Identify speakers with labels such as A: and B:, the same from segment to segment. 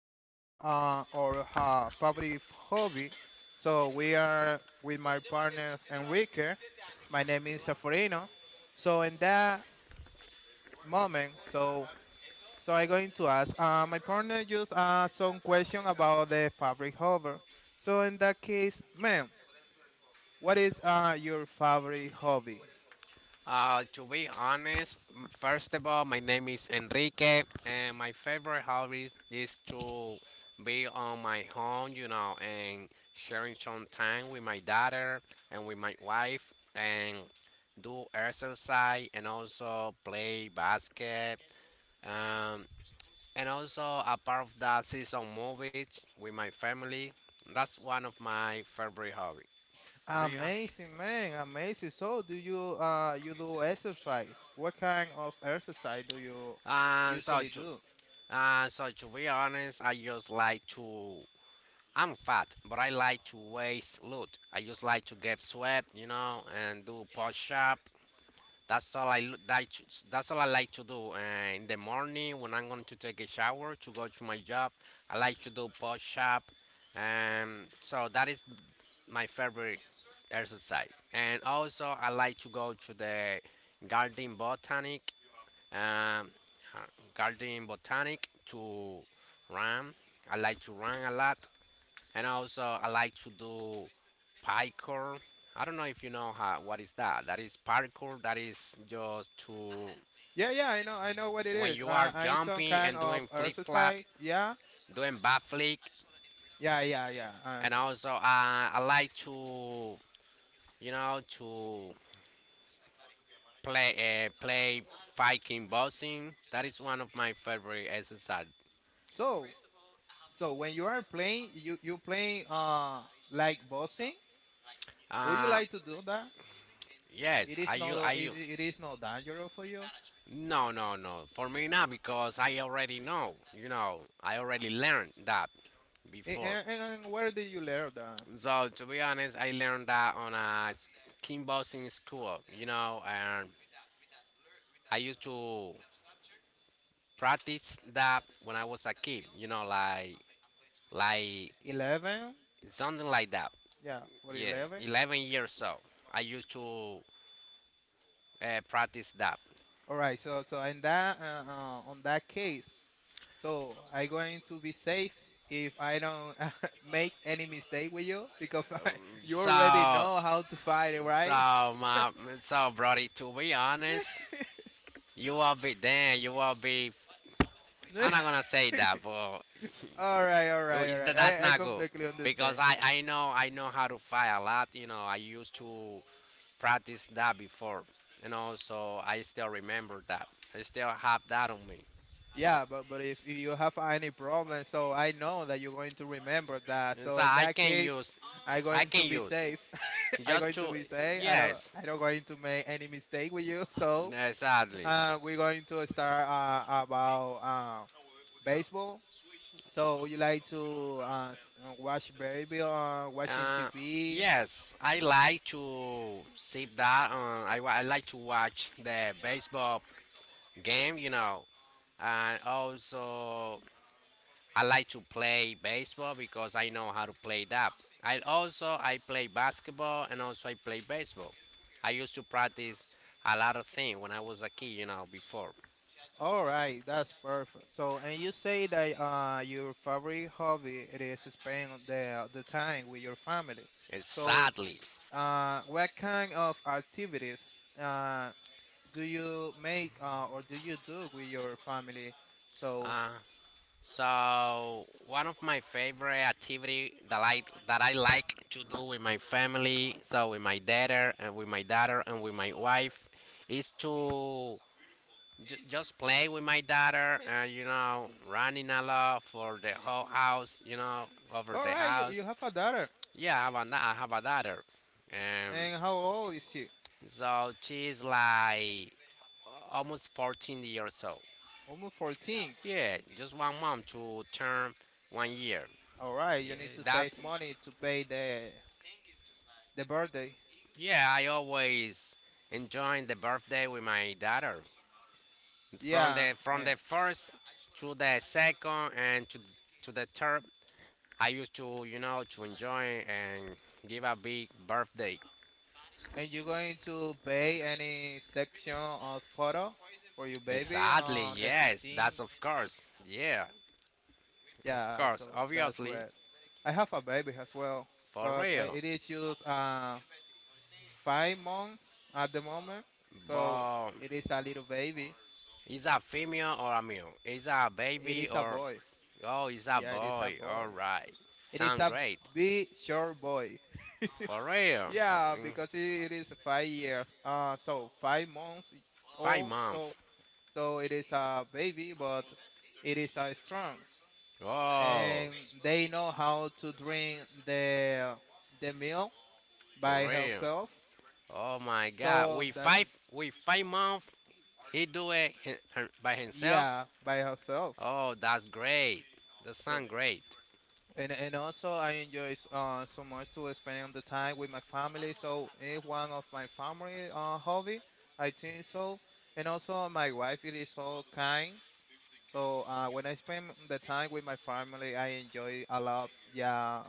A: about our favorite hobby. So we are with my partners Enrique. My name is Safarino. So in that moment, so so I'm going to ask my partner just some question about the favorite hobby. So in that case, ma'am, what is your favorite hobby?
B: To be honest, first of all, my name is Enrique, and my favorite hobby is to be on my home, you know, and sharing some time with my daughter and with my wife, and do exercise and also play basket. Um, and also a part of that, see some movies with my family. That's one of my favorite hobby. Do you have?
A: Amazing, man. Amazing. So, do you you do exercise? What kind of exercise do you
B: And so
A: usually
B: to,
A: do?
B: So to be honest, I just like to. I'm fat, but I like to waste loot. I just like to get sweat, you know, and do push up. That's all I like to do. In the morning, when I'm going to take a shower to go to my job, I like to do push up. So that is my favorite exercise. And also, I like to go to the garden botanic um, uh, garden botanic to run. I like to run a lot, and also I like to do parkour. I don't know if you know how, what is that. That is parkour. That is just to
A: Yeah, yeah, I know what it
B: when
A: is.
B: you are
A: I some
B: jumping
A: kind
B: and
A: of
B: doing flip flap,
A: exercise. Yeah,
B: doing backflip,
A: yeah, yeah, yeah.
B: and also I like to, you know, to play fighting boxing. That is one of my favorite exercises.
A: So, so when you are playing, you playing like boxing. Would you
B: Uh,
A: like to do that?
B: yes,
A: It
B: I
A: is
B: you I
A: not
B: you.
A: it is not dangerous for you.
B: No, no, no. For me not because I already know. You know, I already learned that
A: And,
B: before.
A: and, and where did you learn that?
B: So to be honest, I learned that on a kickboxing school. You know, and I used to practice that when I was a kid. You know, like like
A: 11?
B: something like that.
A: Yeah, for
B: Yeah,
A: 11.
B: 11 years old. I used to practice that.
A: All right, so in that on that case, so I going to be safe if I don't make any mistake with you because you already
B: So
A: know how to fight it, right?
B: So, my, so, Brody, to be honest, you will be damn. You will be. I'm not gonna say that, but
A: All right, all right, all right.
B: that's
A: I
B: not good
A: completely
B: because
A: understand.
B: I know, I know how to fight a lot. You know, I used to practice that before. You know, so I still remember that. I still have that on me.
A: Yeah, but if you have any problem, so I know that you're going to remember that.
B: And
A: So
B: so
A: in that case, I
B: I
A: going
B: can
A: to be
B: use
A: safe.
B: it
A: I
B: just
A: going to
B: to
A: be safe.
B: yes,
A: I don't going to make any mistake with you.
B: exactly.
A: We're going to start about baseball. So would you like to watch baby watching
B: Uh,
A: TV?
B: Yes, I like to sit down. I like to watch the baseball game, you know, and also I like to play baseball because I know how to play that. I also I play basketball and also I play baseball. I used to practice a lot of things when I was a kid, you know, before.
A: All right, that's perfect. So and you say that your favorite hobby it is spend the time with your family. So
B: Exactly.
A: what kind of activities uh, do you make or do you do with your family? So
B: Uh, So one of my favorite activity that I like to do with my family, so with my daughter and with my wife, is to just play with my daughter and, you know, running a lot for the whole house, you know, over
A: all
B: the
A: right,
B: house.
A: you have a daughter,
B: Yeah, I have a daughter, um,
A: and how old is she?
B: so she's like almost 14 years old.
A: Almost 14.
B: Yeah, just 1 month to term 1 year.
A: All right, you
B: Yeah,
A: need to
B: that's
A: save money to pay the birthday.
B: yeah. I always enjoying the birthday with my daughter from
A: Yeah,
B: the from
A: and,
B: the first to the second and to the third. I used to, you know, to enjoy and give a big birthday.
A: and you're going to pay any section of photo for your baby
B: Exactly.
A: on the
B: Yes,
A: 15.
B: that's of course. Yeah, of
A: Yeah,
B: course.
A: so that's
B: Obviously,
A: great. I have a baby as well,
B: for
A: but
B: real.
A: it is just 5 months at the moment. So
B: Moment.
A: it
B: But
A: is a little baby.
B: is a female or a male? Is a
A: It
B: baby
A: is a
B: or
A: boy.
B: oh, is a
A: Yeah, it is a
B: boy?
A: boy.
B: All right,
A: It is
B: sound
A: a
B: great.
A: big short boy.
B: For real, yeah,
A: Yeah,
B: mm,
A: because it is 5 years. 5 months
B: 5 months. five
A: old. So,
B: months.
A: so it is a baby, but it is strong,
B: Oh,
A: and they know how to drink the milk by
B: for real.
A: herself.
B: Oh my God,
A: So
B: with
A: that's
B: five with 5 months, he do it by himself.
A: yeah, by herself.
B: Oh, that's great. That
A: So
B: sound great.
A: and also I enjoy so much to spend the time with my family. So it's one of my family hobby. I think so. And also my wife, it is so kind. So when I spend the time with my family, I enjoy a lot. Yeah,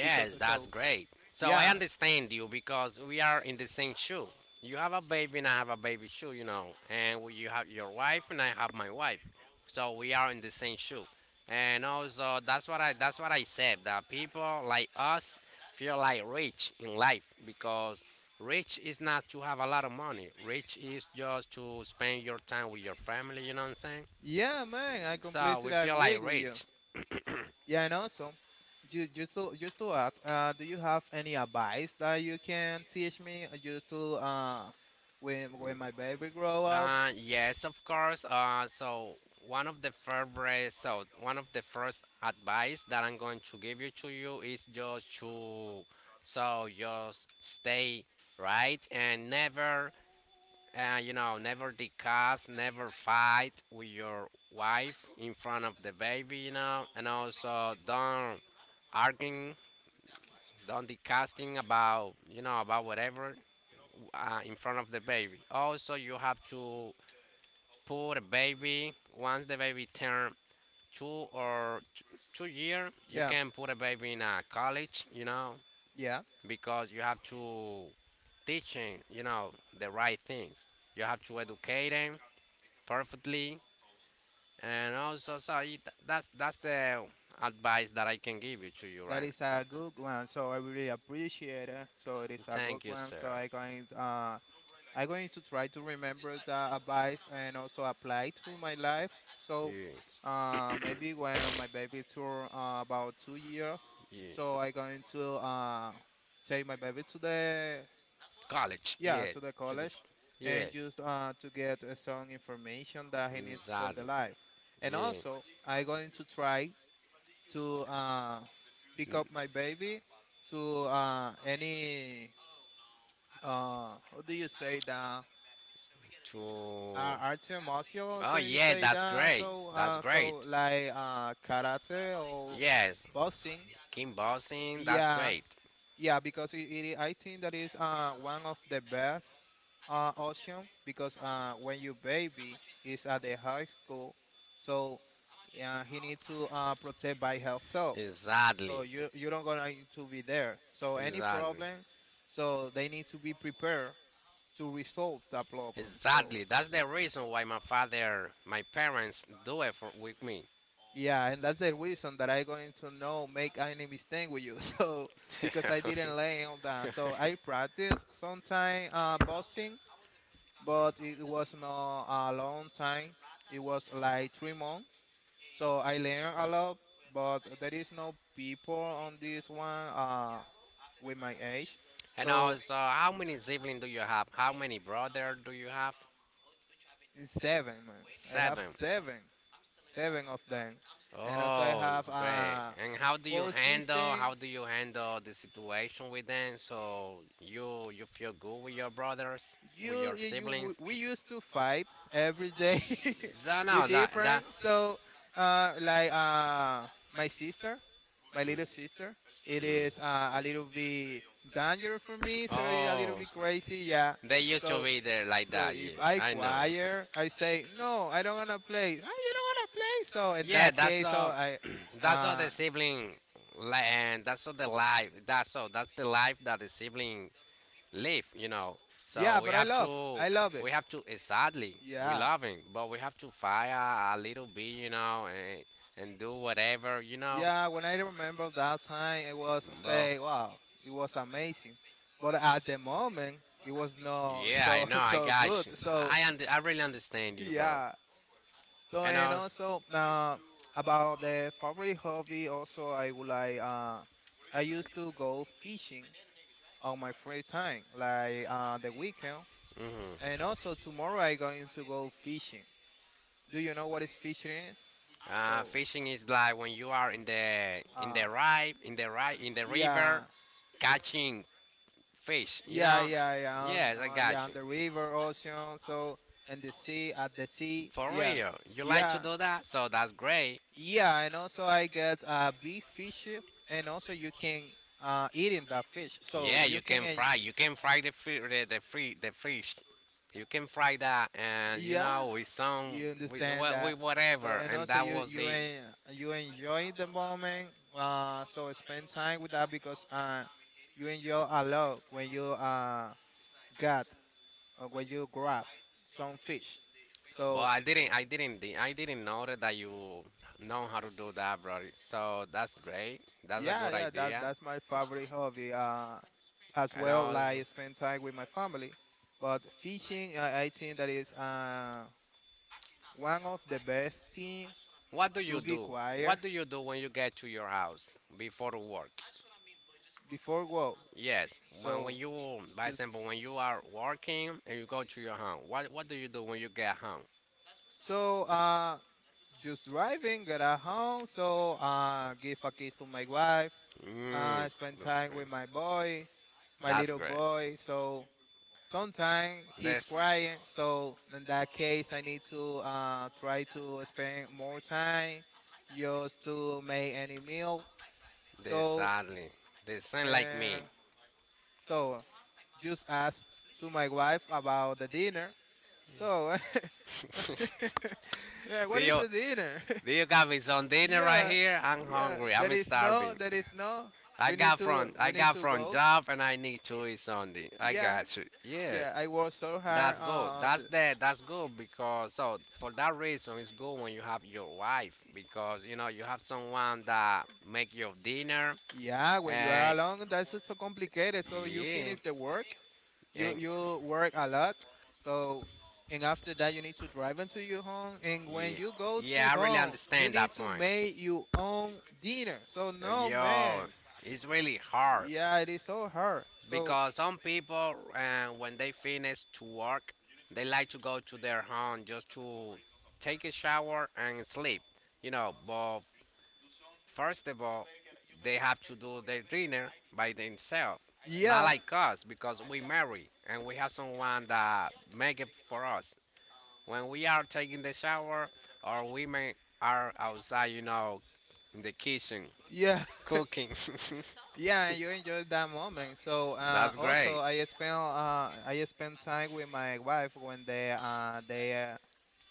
A: because
B: that's
A: so
B: great. So I
A: yeah,
B: understand you because we are in the same shoe. You have a baby and I have a baby shoe, you know, and you have your wife and I have my wife. So we are in the same shoe. And also that's what I said that people like us feel like rich in life because rich is not to have a lot of money. Rich is just to spend your time with your family, you know what I'm saying?
A: yeah, man, I
B: So we
A: completely
B: feel
A: agree
B: like
A: with you.
B: rich.
A: Yeah, and also, just to add, do you have any advice that you can teach me just to when my baby grow up?
B: Yes, of course. So one of the first advice that I'm going to give you to you is just to, so just stay right and never, you know, never discuss, never fight with your wife in front of the baby, you know, and also don't arguing, don't discussing about, you know, about whatever in front of the baby. Also, you have to for a baby. Once the baby turn two or t- 2 year, you
A: Yeah,
B: can put a baby in a college, you know,
A: yeah,
B: because you have to teach him, you know, the right things. You have to educate him perfectly, and also, that's the advice that I can give you to you right
A: that is
B: now.
A: a good one. So I really appreciate it. So it is a good
B: Thank you,
A: one.
B: sir.
A: I'm going to try to remember the advice and also apply to my life. So maybe when my baby turn about 2 years,
B: Yeah.
A: so I'm going to take my baby to the
B: College.
A: yeah
B: Yeah.
A: to the
B: To
A: college
B: this. Yeah.
A: and just to get some information that he needs for the
B: Exactly.
A: life. And
B: Yeah.
A: also I'm going to try to pick up my baby to any how do you say that?
B: To.
A: Art martial,
B: Oh
A: so you
B: yeah,
A: say
B: that's
A: that,
B: great.
A: so
B: That's great.
A: so like karate or
B: Yes.
A: boxing,
B: Kim bossing. That's
A: yeah,
B: great.
A: yeah, because I think that is one of the best option because when your baby is at the high school, so he needs to protect by herself.
B: Exactly.
A: So you don't gonna to be there. So any
B: Exactly.
A: problem, so they need to be prepared to resolve that problem. So
B: Exactly. That's the reason why my parents do it for, with me.
A: yeah, and that's the reason that I going to know make any mistake with you. So because I didn't learn all that, so I practice sometime boxing, but it was not a long time. It was like 3 months. So I learned a lot, but there is no people on this one with my age.
B: And
A: So
B: also, how many siblings do you have? How many brothers do you have?
A: it's 7, man. I have
B: Seven.
A: 7, 7 of them, and also I
B: Oh,
A: have
B: that's great. And
A: four sisters
B: how do you handle the situation with them, so you feel good with your brothers, with
A: you
B: your
A: you
B: siblings?
A: we used to fight every day
B: So
A: with
B: no, that different. That
A: different so uh like uh my sister my little sister it
B: mm.
A: is a little bit
B: To
A: dangerous for me so it's a
B: oh.
A: little
B: Yeah,
A: bit crazy yeah
B: yeah. They used so to
A: so
B: be there like
A: so
B: that. Yeah,
A: if I
B: I know.
A: choir I say no I don't wanna play oh, you don't wanna play so in
B: Yeah,
A: that
B: that's
A: case so
B: all.
A: I
B: That's all the
A: uh
B: sibling, and that's all the life. That's all. That's the life that the sibling live, you know. Yeah, so
A: yeah
B: we
A: but i
B: have
A: love
B: to,
A: I love it
B: we have to. Sadly, we
A: yeah.
B: yeah, love him, but we have to fire a little bit, you know, and do whatever, you know,
A: Yeah, when I remember that time, it was I
B: bro.
A: say, wow, it was amazing. But at the moment, it was not
B: Yeah, I
A: so
B: know. I look,
A: so
B: got
A: good.
B: you.
A: So
B: I really understand you, bro.
A: yeah.
B: So
A: So
B: and
A: and
B: I
A: also about the favorite hobby, also I would like I used to go fishing on my free time, like the weekend. And
B: mhm.
A: also tomorrow I going to go fishing. Do you know what is fishing is? So
B: Fishing is like when you are in
A: uh,
B: the rive, in the right in the river
A: yeah.
B: catching fish, you
A: Yeah,
B: know?
A: yeah, yeah,
B: Yes, I
A: yeah,
B: got
A: on
B: you.
A: the river, ocean, so and the sea, at the sea,
B: For
A: yeah,
B: real, you like to
A: yeah,
B: do that? So that's great.
A: yeah, and also I get beef fishes, and also you can eating that fish, so
B: Yeah,
A: you
B: you can fry. You can fry the fi- the, free, the fish. You can fry that, and you know,
A: yeah,
B: with some,
A: you
B: with,
A: understand
B: with
A: that. So
B: whatever,
A: and
B: and
A: also
B: that was the,
A: you enjoy the moment, so spend time with that because you enjoy a lot when you got or when you grab some fish,
B: but
A: so.
B: I didn't know that you know how to do that, bro. So that's great. That's a
A: Yeah,
B: good
A: yeah, that
B: idea.
A: that's my favorite hobby. As
B: And
A: well,
B: I,
A: like spend time with my family. But fishing, I think that is one of the best thing
B: what do you
A: to be
B: do?
A: quiet
B: What do you do when you get to your house before work?
A: before work.
B: Yes, when
A: So
B: you, by
A: just
B: example, when you are working and you go to your home, what do you do when you get home?
A: so uh just driving, get at home. So give a kiss to my wife.
B: Mm,
A: Spend
B: that's
A: time
B: great.
A: with my boy, my
B: That's
A: little
B: great.
A: boy. So sometimes he's
B: This.
A: crying, so in that case, I need to try to spend more time just to make any meal.
B: They so,
A: So,
B: sadly, they sound like me.
A: and so just ask to my wife about the dinner. So, yeah,
B: Do
A: what is
B: you,
A: the dinner?
B: do you got me some dinner right
A: yeah,
B: here? I'm
A: yeah.
B: hungry. I'm there no, starving. No.
A: There is no.
B: I got from, I
A: We need
B: got
A: to
B: from
A: go.
B: job and I need to eat something. I
A: Yeah,
B: got you. Yeah.
A: yeah. I work so
B: That's
A: hard
B: good.
A: on.
B: That's that. That's good because so for that reason it's good when you have your wife because you know you have someone that make your dinner
A: Yeah, when you are
B: and
A: alone, that's just so complicated. So you
B: yeah
A: finish the work,
B: and
A: you work a lot. So and after that, you need to drive into your home. And when
B: yeah,
A: you go to
B: yeah, I really home,
A: home, you
B: understand that
A: need
B: it's
A: to
B: point.
A: make your own dinner. So
B: No, man.
A: no
B: Yo,
A: man,
B: to stop it. It's really hard
A: yeah, it is so hard.
B: so
A: So
B: because some people, when they finish to work, they like to go to their home just to take a shower and sleep. You know, but first of all, they have to do their dinner by themselves. Not
A: yeah,
B: like us because we marry and we have someone that make it for us. When we are taking the shower, or women are outside, you know, in the kitchen
A: yeah,
B: cooking.
A: yeah, and you enjoy that moment. So
B: That's great.
A: also, I spend time with my wife when they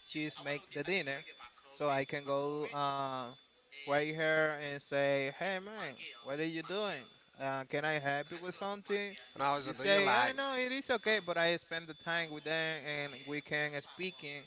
A: she's make the dinner, so I can go right here and say, "Hey man, what are you doing? Can I help you with something?"
B: And also,
A: You
B: do you
A: say, "I
B: like?
A: know it is okay," but I spend the time with them and we can speaking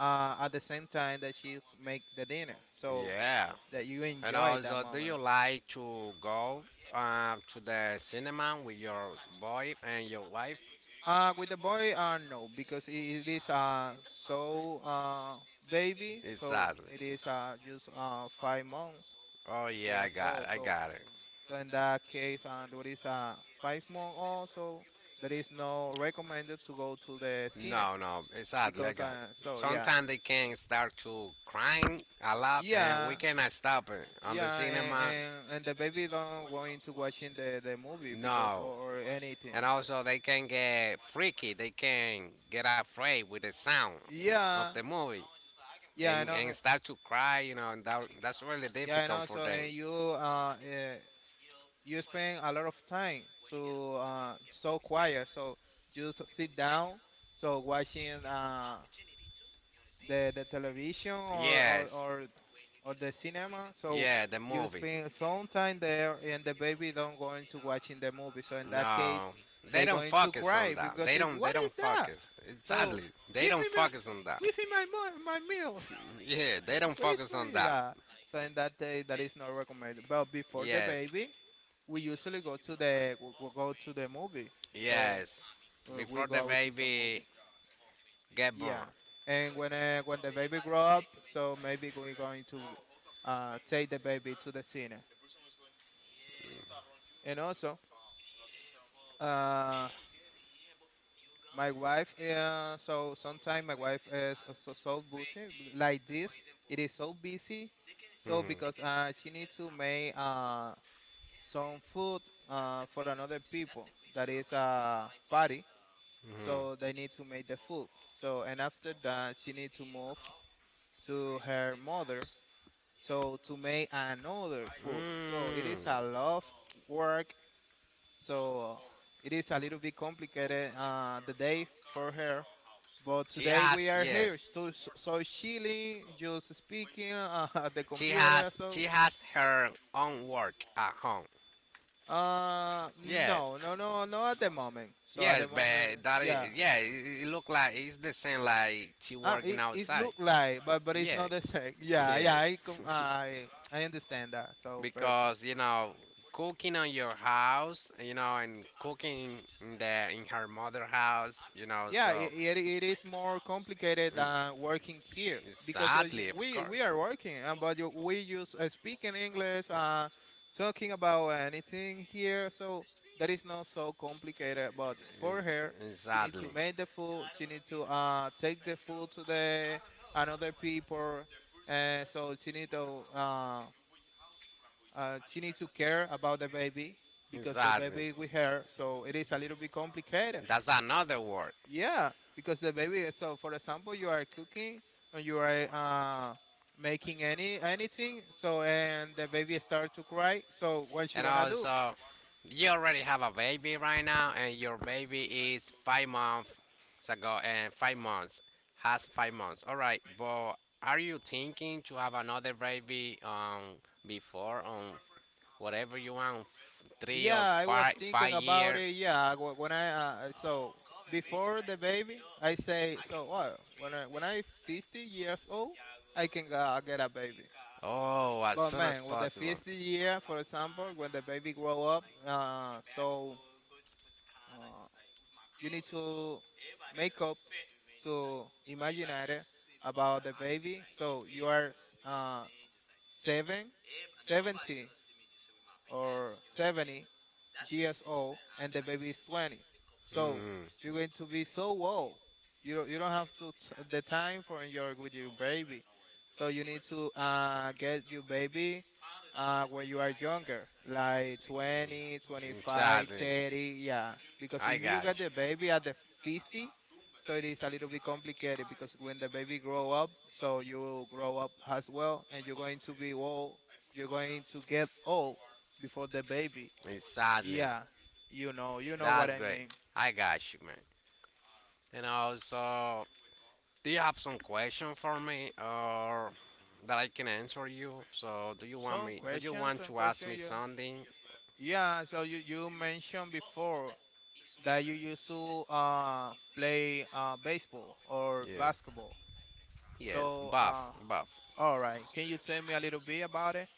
A: at the same time that she make the dinner, so
B: Yeah.
A: that you
B: And
A: enjoy that
B: also, do you
A: moment.
B: like to go to the cinema with your boy and your wife?
A: With the boy, no, because it is so uh baby, so
B: Exactly.
A: it is just 5 months
B: Oh yeah, I
A: years
B: got it.
A: old,
B: I
A: so
B: got it.
A: so in that case, there is a 5 month old, so there is no recommended to go to the cine
B: No, no, exactly. I
A: because
B: got it. So yeah,
A: yeah,
B: sometimes they can start to crying a lot, and we
A: yeah,
B: yeah, cannot stop it on the
A: yeah,
B: cinema.
A: and the baby don't going to watching the movie because
B: No,
A: or anything.
B: and also they can get freaky. They can get afraid with the sound of
A: Yeah,
B: the movie
A: yeah, I know,
B: and start to cry, you know, and that's really
A: yeah, I
B: difficult
A: know.
B: for
A: So
B: them.
A: and you you spend a lot of time to, so quiet, so just sit down, so watching the television
B: Yes,
A: or the cinema. So
B: yeah, the
A: you
B: movie.
A: spend some time there, and the baby don't going to watching the movie. So in that case,
B: No, they
A: they
B: don't
A: going to
B: focus on
A: cry
B: that.
A: because
B: They
A: it,
B: don't. They
A: what is
B: don't
A: that?
B: focus.
A: So
B: Exactly. They
A: give me
B: don't
A: my
B: focus on that.
A: give me my my meal.
B: Yeah, they don't
A: what is
B: focus on
A: my
B: that.
A: yeah? So in that day, that is not recommended. But before the
B: Yes,
A: baby, we usually go to the we go to the movie. So
B: yes.
A: we
B: Before
A: go
B: the
A: out some movie.
B: baby get
A: Yeah.
B: born.
A: And when the baby grow up, so maybe we're going to take the baby to the cinema. And also, uh, my wife, yeah, so sometimes my wife is also so busy like this. It is so busy. So because she needs to make some food for another people that is a party.
B: Hmm.
A: So they need to make the food. So and after that, she need to move to her mother. So to make another food. So it is
B: Mm.
A: a lot of work. So it is a little bit complicated the day for her. But
B: She
A: today
B: has
A: we are
B: yes.
A: here, so chilling, just speaking at the computer. So
B: She has her own work at home. Yes.
A: no, no, no, no at the moment. So at
B: Yes,
A: the moment,
B: but that
A: yeah.
B: is yeah, it look like it's the same like she
A: Ah,
B: working
A: it
B: outside.
A: look like, but it's
B: Yeah.
A: not the same. Yeah, yeah. I
B: Yeah.
A: com- I understand that. So perfect.
B: Because cooking on your house, and cooking in the in her mother house, yeah,
A: Yeah, i
B: so
A: it, it is more complicated than working here because you-
B: sadly of
A: we we
B: course.
A: are working, but we use speaking English,
B: So
A: talking about anything here, so that is not so complicated. But for her,
B: it's
A: she needs
B: sadly.
A: to make the food, she needs to take the food to the another people, and so she need to care about the baby because the
B: Sadly,
A: baby with her, so it is a little bit complicated.
B: that's another word.
A: Yeah, because the baby. So, for example, you are cooking or you are making anything. So, and the baby starts to cry. So, what you
B: And
A: gonna do?
B: also, you already have a baby right now, and your baby is 5 months ago, and 5 months. All right, but are you thinking to have another baby before whatever you want, three or
A: Yeah, I was
B: five
A: thinking about
B: year?
A: it. Yeah, wh- when I so before the baby, I say so. Well, when I 50 years old, I can get a baby.
B: Oh, as
A: But
B: soon as
A: man, with the
B: possible.
A: 50 year, for example, when the baby grow up. Uh, you need to make up to imagine it about the baby. So you are uh, seven, 70 or 70 years old and the baby is 20. So you're going to be so old.
B: Mhm.
A: You don't have the time for your with your baby. So you need to get your baby when you are younger,
B: 25
A: like 20,
B: 30,
A: 25,
B: exactly.
A: 30, yeah. Because
B: I
A: if you
B: got
A: get the baby at the 50, so it is a little bit complicated
B: machine
A: because when the
B: is
A: baby grow up, so you will grow
B: wrong
A: up as well, and you're going to be old. You're going to get old before the baby,
B: you. Exactly.
A: yeah. You know, you know what
B: That's
A: I
B: great.
A: mean.
B: I got you, man. And also, do you have some question for me, or that I can answer you? So, do you want
A: Some
B: me? Do you
A: questions,
B: want
A: some
B: to ask me
A: question, yeah.
B: something?
A: Yeah, so you mentioned before that you used to play baseball or
B: Yes.
A: basketball.
B: Yes.
A: So,
B: Buff. Buff.
A: all right, can you tell me a little bit about it?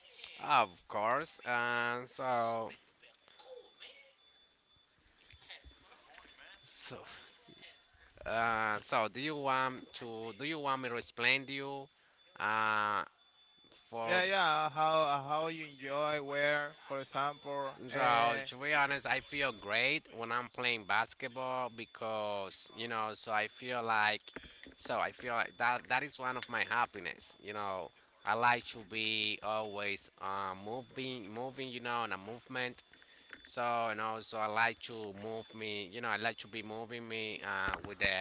B: Of course. So, so, do you want to? Do you want me to explain to you? Uh, for
A: Yeah, yeah, how you enjoy where, for example,
B: so to be honest, I feel great when I'm playing basketball because you know. So I feel like that is one of my happiness. You know, I like to be always moving. You know, in a movement. So and also I like to move me. You know, I like to be moving me with the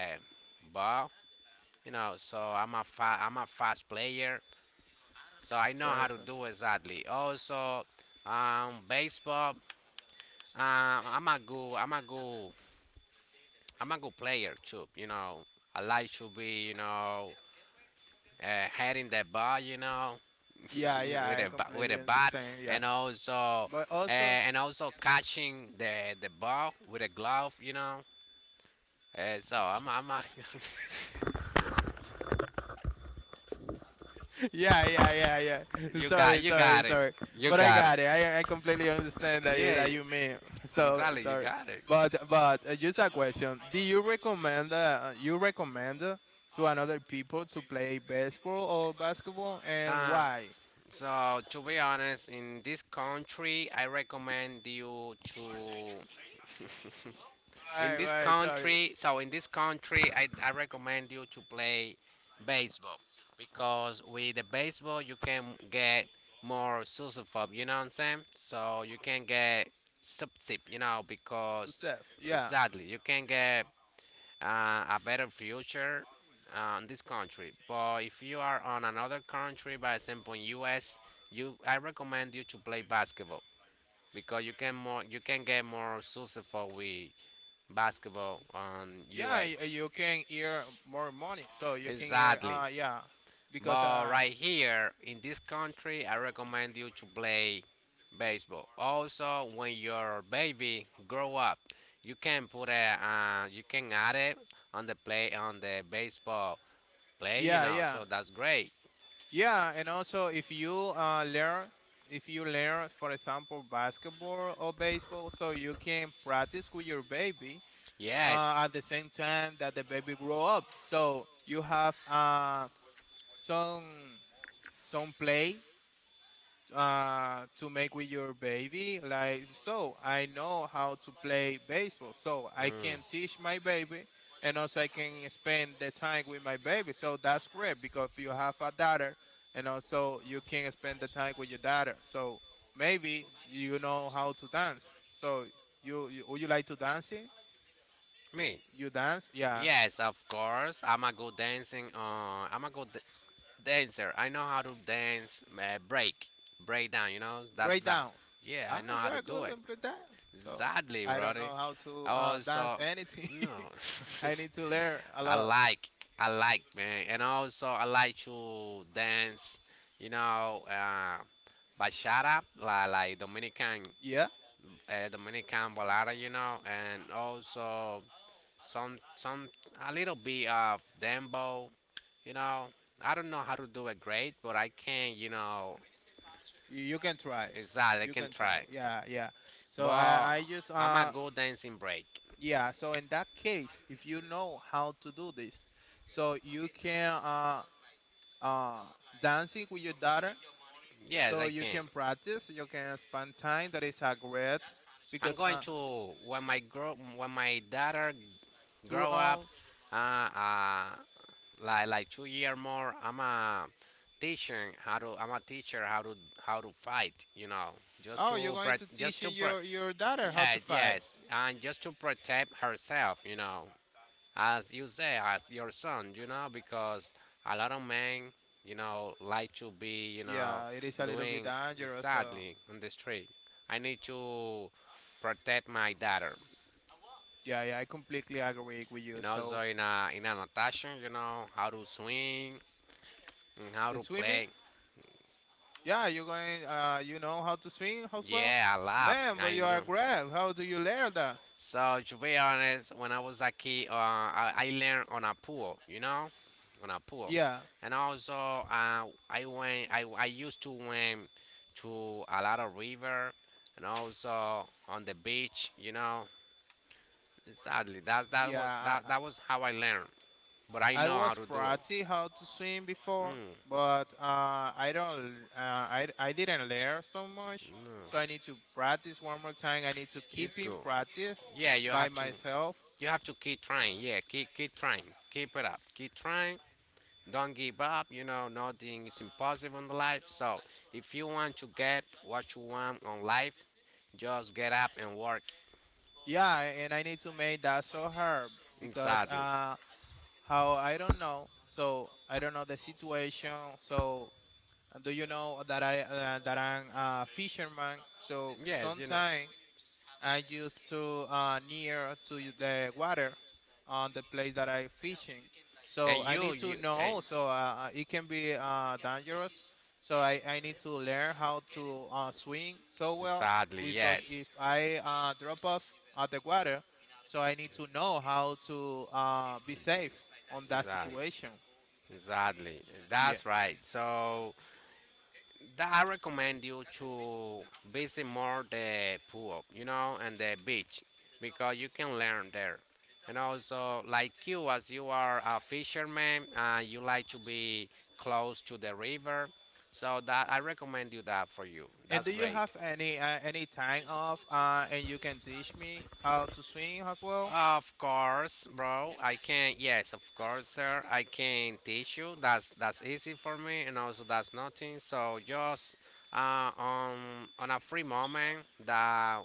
B: ball. You know, so I'm a fast player. So I know how to
A: perfect.
B: do exactly. Also, baseball. I'm a good I'm a good player too. You know, I like to be, uh, heading the ball. You know,
A: Yeah, yeah,
B: with
A: I
B: a with
A: completely
B: a bat
A: understand. Yeah,
B: and also
A: but also,
B: catching the ball with a glove. You know. Hey, so
A: yeah, yeah, yeah, yeah.
B: you got,
A: Sorry,
B: you
A: sorry,
B: got it,
A: sorry.
B: you
A: But I
B: got it.
A: got it. I completely understand
B: Yeah,
A: that
B: you,
A: you mean. So
B: exactly, you
A: sorry.
B: got it.
A: But just a question. Do you recommend to another people to play baseball or basketball, and
B: Uh,
A: why?
B: so to be honest, in this country, I recommend you to. In
A: Why
B: this
A: why? Sorry.
B: country, so in this country, I recommend you to play baseball because with the baseball you can get more susofob, you know what I'm saying? So you can get subtip, you know,
A: So
B: because
A: Seth, yeah,
B: exactly you can get a better future in this country. But if you are on another country, by example, U.S., you I recommend you to play basketball because you can get more successful with basketball on
A: yeah. You,
B: US.
A: you can earn more money, so you can earn.
B: Exactly.
A: Yeah, because
B: But right here in this country, I recommend you to play baseball. Also, when your baby grow up, you can put a you can add it on the play on the baseball play. You
A: yeah,
B: know,
A: yeah.
B: so that's great.
A: Yeah, and also if you learn, for example, basketball or baseball, so you can practice with your baby
B: Yes.
A: at the same time that the baby grow up. So you have some some play to make with your baby. Like, so I know how to play baseball, so I can teach my baby, and also I can spend the time with my baby. So that's great because you have a daughter, and also you can spend the time with your daughter. So maybe you know how to dance. So you like to dancing?
B: Me?
A: You dance? Yeah.
B: Yes, of course. I'm a good dancing. I'm a good d- dancer. I know how to dance. Break down. You know, that's break.
A: Breakdown.
B: Yeah, I
A: Ah,
B: know
A: you
B: how to
A: are
B: do
A: good
B: it.
A: on breakdown. So
B: Sadly,
A: I don't
B: brother.
A: know how to
B: I
A: dance
B: also
A: anything.
B: no.
A: I need to learn a
B: I
A: lot.
B: like, I like, man, and also I like to dance. You know, bachata, like Dominican,
A: Yeah,
B: Dominican balada. You know, and also some, some, a little bit of dembo. You know, I don't know how to do it great, but I can. You know,
A: you can try.
B: exactly, I
A: You
B: can
A: can try.
B: try.
A: Yeah, yeah. So
B: But
A: I just
B: I'm a good dancing break.
A: yeah. So in that case, if you know how to do this, so you can uh dancing with your daughter.
B: Yes,
A: So
B: I
A: you
B: can.
A: can practice. You can spend time. That is a great
B: I'm
A: because
B: going to when my grow when my daughter
A: Tour
B: grow up,
A: on.
B: uh, uh, like 2 year more. I'm a teaching how to. I'm a teacher how to fight. You know, just
A: Oh, you're
B: to
A: going to
B: pre- just to
A: teaching
B: pre-
A: your daughter how to
B: yes
A: fight.
B: yes, and just to protect herself. You know, as you say, as your son, you know, because a lot of men, you know, like to be, you know,
A: Yeah, it is a little bit
B: doing
A: dangerous. So
B: sadly on the street. I need to protect my daughter.
A: yeah, yeah, I completely agree with you.
B: You know, so
A: So
B: in a in an attraction, you know, how to swing and how
A: the
B: to
A: swimming,
B: play.
A: yeah, you're going. You know how to swim as well,
B: Yeah, I love.
A: man. But
B: I
A: you are
B: know.
A: great. How do you learn that?
B: So to be honest, when I was a kid, I learned on a pool, you know, on a pool, yeah.
A: Yeah,
B: And also I used to swim to a lot of river, and also on the beach, you know. Sadly, that that
A: yeah.
B: was. Yeah, that
A: I I
B: that was how I learned, but I
A: I
B: know how
A: was
B: to used to do it. Practice
A: practice how
B: how to
A: to
B: swim
A: swim before,
B: before. Mm.
A: but I don't. I didn't learn so much.
B: No.
A: So I need to practice one more time. I need to
B: It's
A: keep in
B: good.
A: practice
B: Yeah, you by
A: by
B: have to.
A: myself.
B: You have to keep trying. Yeah, keep trying. Keep it up. Keep trying. Don't give up. You know, nothing is impossible in life. So, if you want to get what you want on life, just get up and work
A: Yeah, and I need to make that so hard because
B: insanely.
A: how I don't know. So I don't know the situation. So do you know that I that I'm a fisherman? So
B: This is yes, you know.
A: sometimes I used to near to the water on the place that I fishing. So
B: And
A: I need to
B: and
A: know. So it can be dangerous.
B: so.
A: So I need to learn how to swim so well
B: Sadly,
A: because
B: yes.
A: if I drop off at the water, so I need to know how to be safe on that
B: Exactly.
A: situation.
B: Exactly.
A: Yeah.
B: That's right. So that I recommend you to visit more the pool, you know, and the beach because you can learn there. And also, like you, as you are a fisherman, you like to be close to the river. So that I recommend you that for you.
A: And
B: That's
A: do you
B: great.
A: have any time off and you can teach me how to swim as well?
B: Of course, bro. I can. Yes, of course, sir. I can teach you. That's easy for me, and also that's nothing. So just uh, on on a free moment that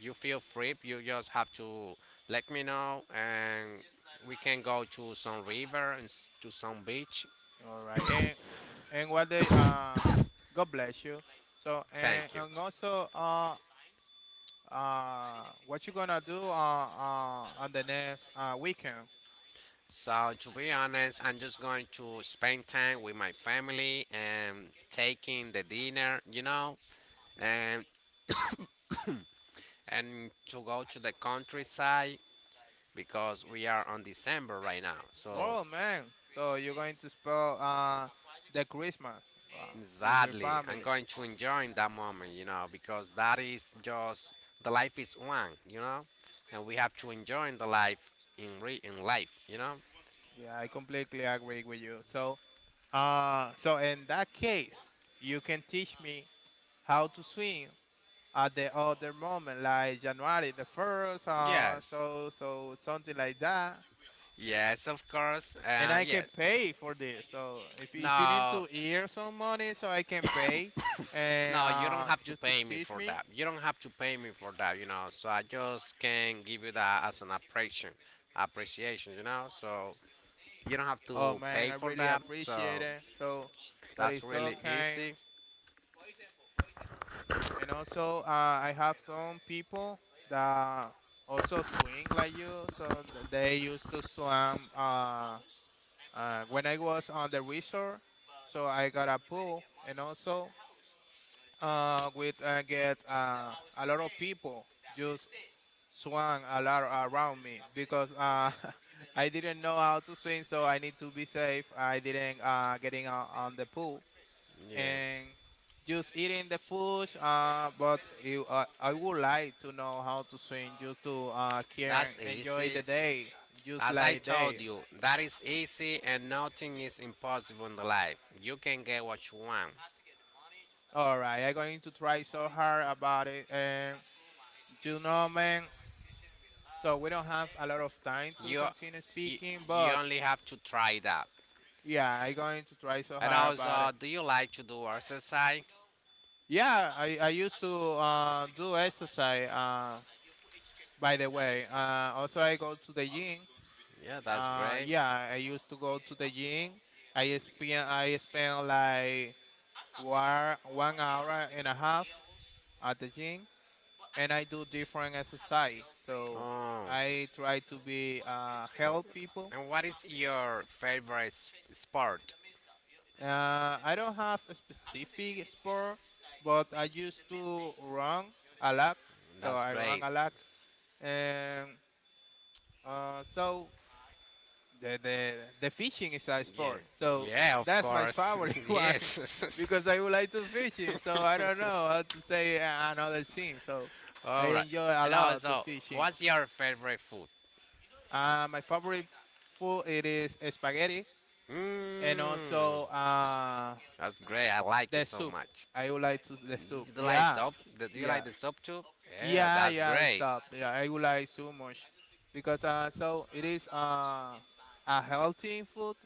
B: you feel free, you just have to let me know, and we can go to some river and to some beach.
A: All right. And what they god bless you. So, and,
B: Thank you.
A: and also, what you gonna do on the next weekend?
B: So to be honest, I'm just going to spend time with my family and taking the dinner, you know, and and to go to the countryside because we are on December right now. So
A: Oh man. So you're going to spend uh the Christmas uh, with your
B: sadly, I'm
A: family.
B: going to enjoy that moment, you know, because that is just the life is one, you know, and we have to enjoy the life in life, you know.
A: Yeah, I completely agree with you. So in that case you can teach me how to swim at the other moment, like January the first,
B: Yes.
A: something like that.
B: Yes, of course.
A: And I can
B: Yes.
A: pay for this. So if you need
B: No,
A: to ear some money, so I can pay, and
B: no, you don't have to
A: just to
B: pay me
A: teach
B: for
A: me.
B: that. You don't have to pay me for that, you know. So I just can give you that as an appreciation, appreciation, you know. So you don't have
A: Oh
B: to
A: man,
B: pay
A: I
B: for
A: really
B: that, so
A: appreciate it. So that
B: that's
A: is
B: really
A: okay.
B: easy.
A: And also, I have some people that also swing like you. So they used to swim. When I was on the resort, so I got a pool, and also with I get a lot of people just. Swung a lot around me because I didn't know how to swim, so I need to be safe. I didn't getting on the pool
B: Yeah.
A: and just eating the food. But I would like to know how to swim just to
B: That's
A: care and enjoy
B: easy.
A: the day, just
B: As I
A: like
B: told
A: day.
B: you, that is easy and nothing is impossible in the life. You can get what you want.
A: All right, I'm going to try so hard about it, and you know, man. So we don't have a lot of time to
B: You,
A: continue
B: you,
A: speaking,
B: you
A: but
B: only have to try that.
A: yeah, I'm going to try so
B: And
A: hard about
B: also,
A: it.
B: do you like to do exercise?
A: Yeah, I used to do exercise, by the way. Also, I go to the gym.
B: Yeah, that's great.
A: Yeah, I used to go to the gym. I spend like 1 hour and a half at the gym, and I do different exercise.
B: So
A: So
B: oh,
A: I try to be
B: and
A: help
B: people.
A: people.
B: And what is your favorite sport?
A: I don't have a specific sport, but I used to run a lot.
B: So
A: So
B: that's I,
A: I run
B: great.
A: a
B: I
A: lot.
B: love
A: And so the, the
B: the,
A: the fishing is a
B: yeah,
A: sport.
B: sport.
A: So
B: Yeah, of
A: that's my
B: course.
A: favorite one
B: Yes.
A: because I would like to fishing.
B: Because a
A: So I don't know how to say another thing. So
B: so, I
A: I
B: all right. Enjoy
A: enjoy
B: a
A: a
B: and lot
A: lot to
B: also, fishing
A: fishing.
B: what's your favorite food? And also,
A: My favorite food it is spaghetti,
B: mmm,
A: and also
B: that's great. I like the it
A: the
B: so soap
A: soup.
B: much.
A: I would like to the soup.
B: Do you like ah,
A: Yeah,
B: soap? Do you
A: yeah,
B: like the soap too? Yeah, yeah,
A: yeah,
B: that's yeah,
A: yeah.
B: great.
A: Soup. Yeah, I would like so much because so it is a healthy food.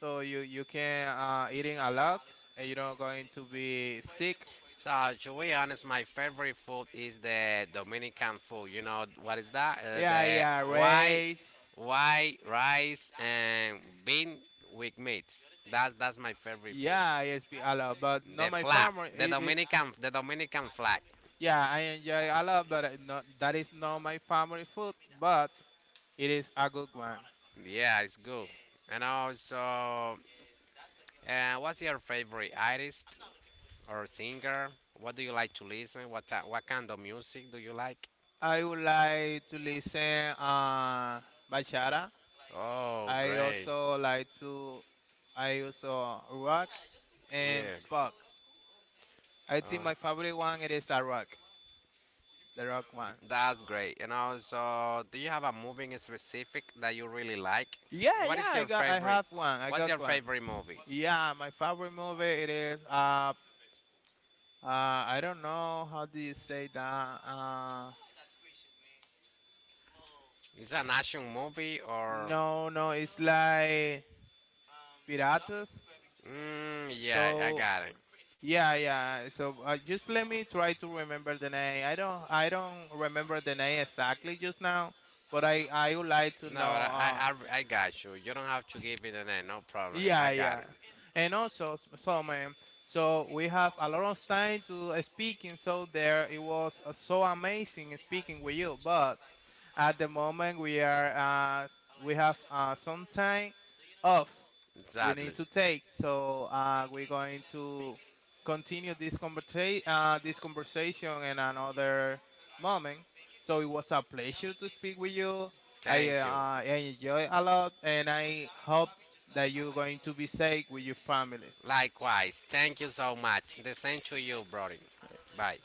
A: So you can eating a lot and you don't going to be sick.
B: So to be honest, my favorite food is the Dominican food. You know what is that?
A: Yeah, yeah,
B: The white,
A: race.
B: white rice and bean with meat. That's my favorite food.
A: Yeah, yes, be a lot, but not
B: The
A: my
B: flap,
A: family.
B: The Dominican flag.
A: Yeah, I enjoy a lot, but it not, that is not my family food. But it is a good one.
B: Yeah, it's good. And also, what's your favorite artist or singer? What do you like to listen? What kind of music do you like?
A: I would like to listen bachata.
B: Oh,
A: I
B: great.
A: also like to I also rock and
B: Yeah.
A: pop. I
B: Uh,
A: think my favorite one it is a rock, the rock one.
B: that's great. You know. So, do you have a movie in specific that you really like?
A: Yeah,
B: What
A: yeah,
B: is your
A: I
B: favorite?
A: have one. I
B: What's
A: got
B: your
A: one.
B: favorite movie?
A: Yeah, my favorite movie it is I don't know how do you say that.
B: Is it an action movie or?
A: No, no, it's like piratas.
B: Mm, yeah, I
A: So
B: got it.
A: yeah, yeah. So just let me try to remember the name. I don't remember the name exactly just now, but I would like to
B: No,
A: know.
B: I got you. You don't have to give me the name. No problem. I
A: Yeah,
B: got
A: yeah.
B: it.
A: And also, so, man, so we have a lot of time to speaking. So there, it was so amazing speaking with you. But at the moment, uh, we have some time off. We need
B: Exactly.
A: to take, so we're going to continue this conversation in another moment. So it was a pleasure to speak with you. I
B: Thank
A: uh,
B: you.
A: I enjoy a lot, and I hope that you're going to be safe with your family.
B: Likewise. Thank you so much. The same to you, brother. Bye.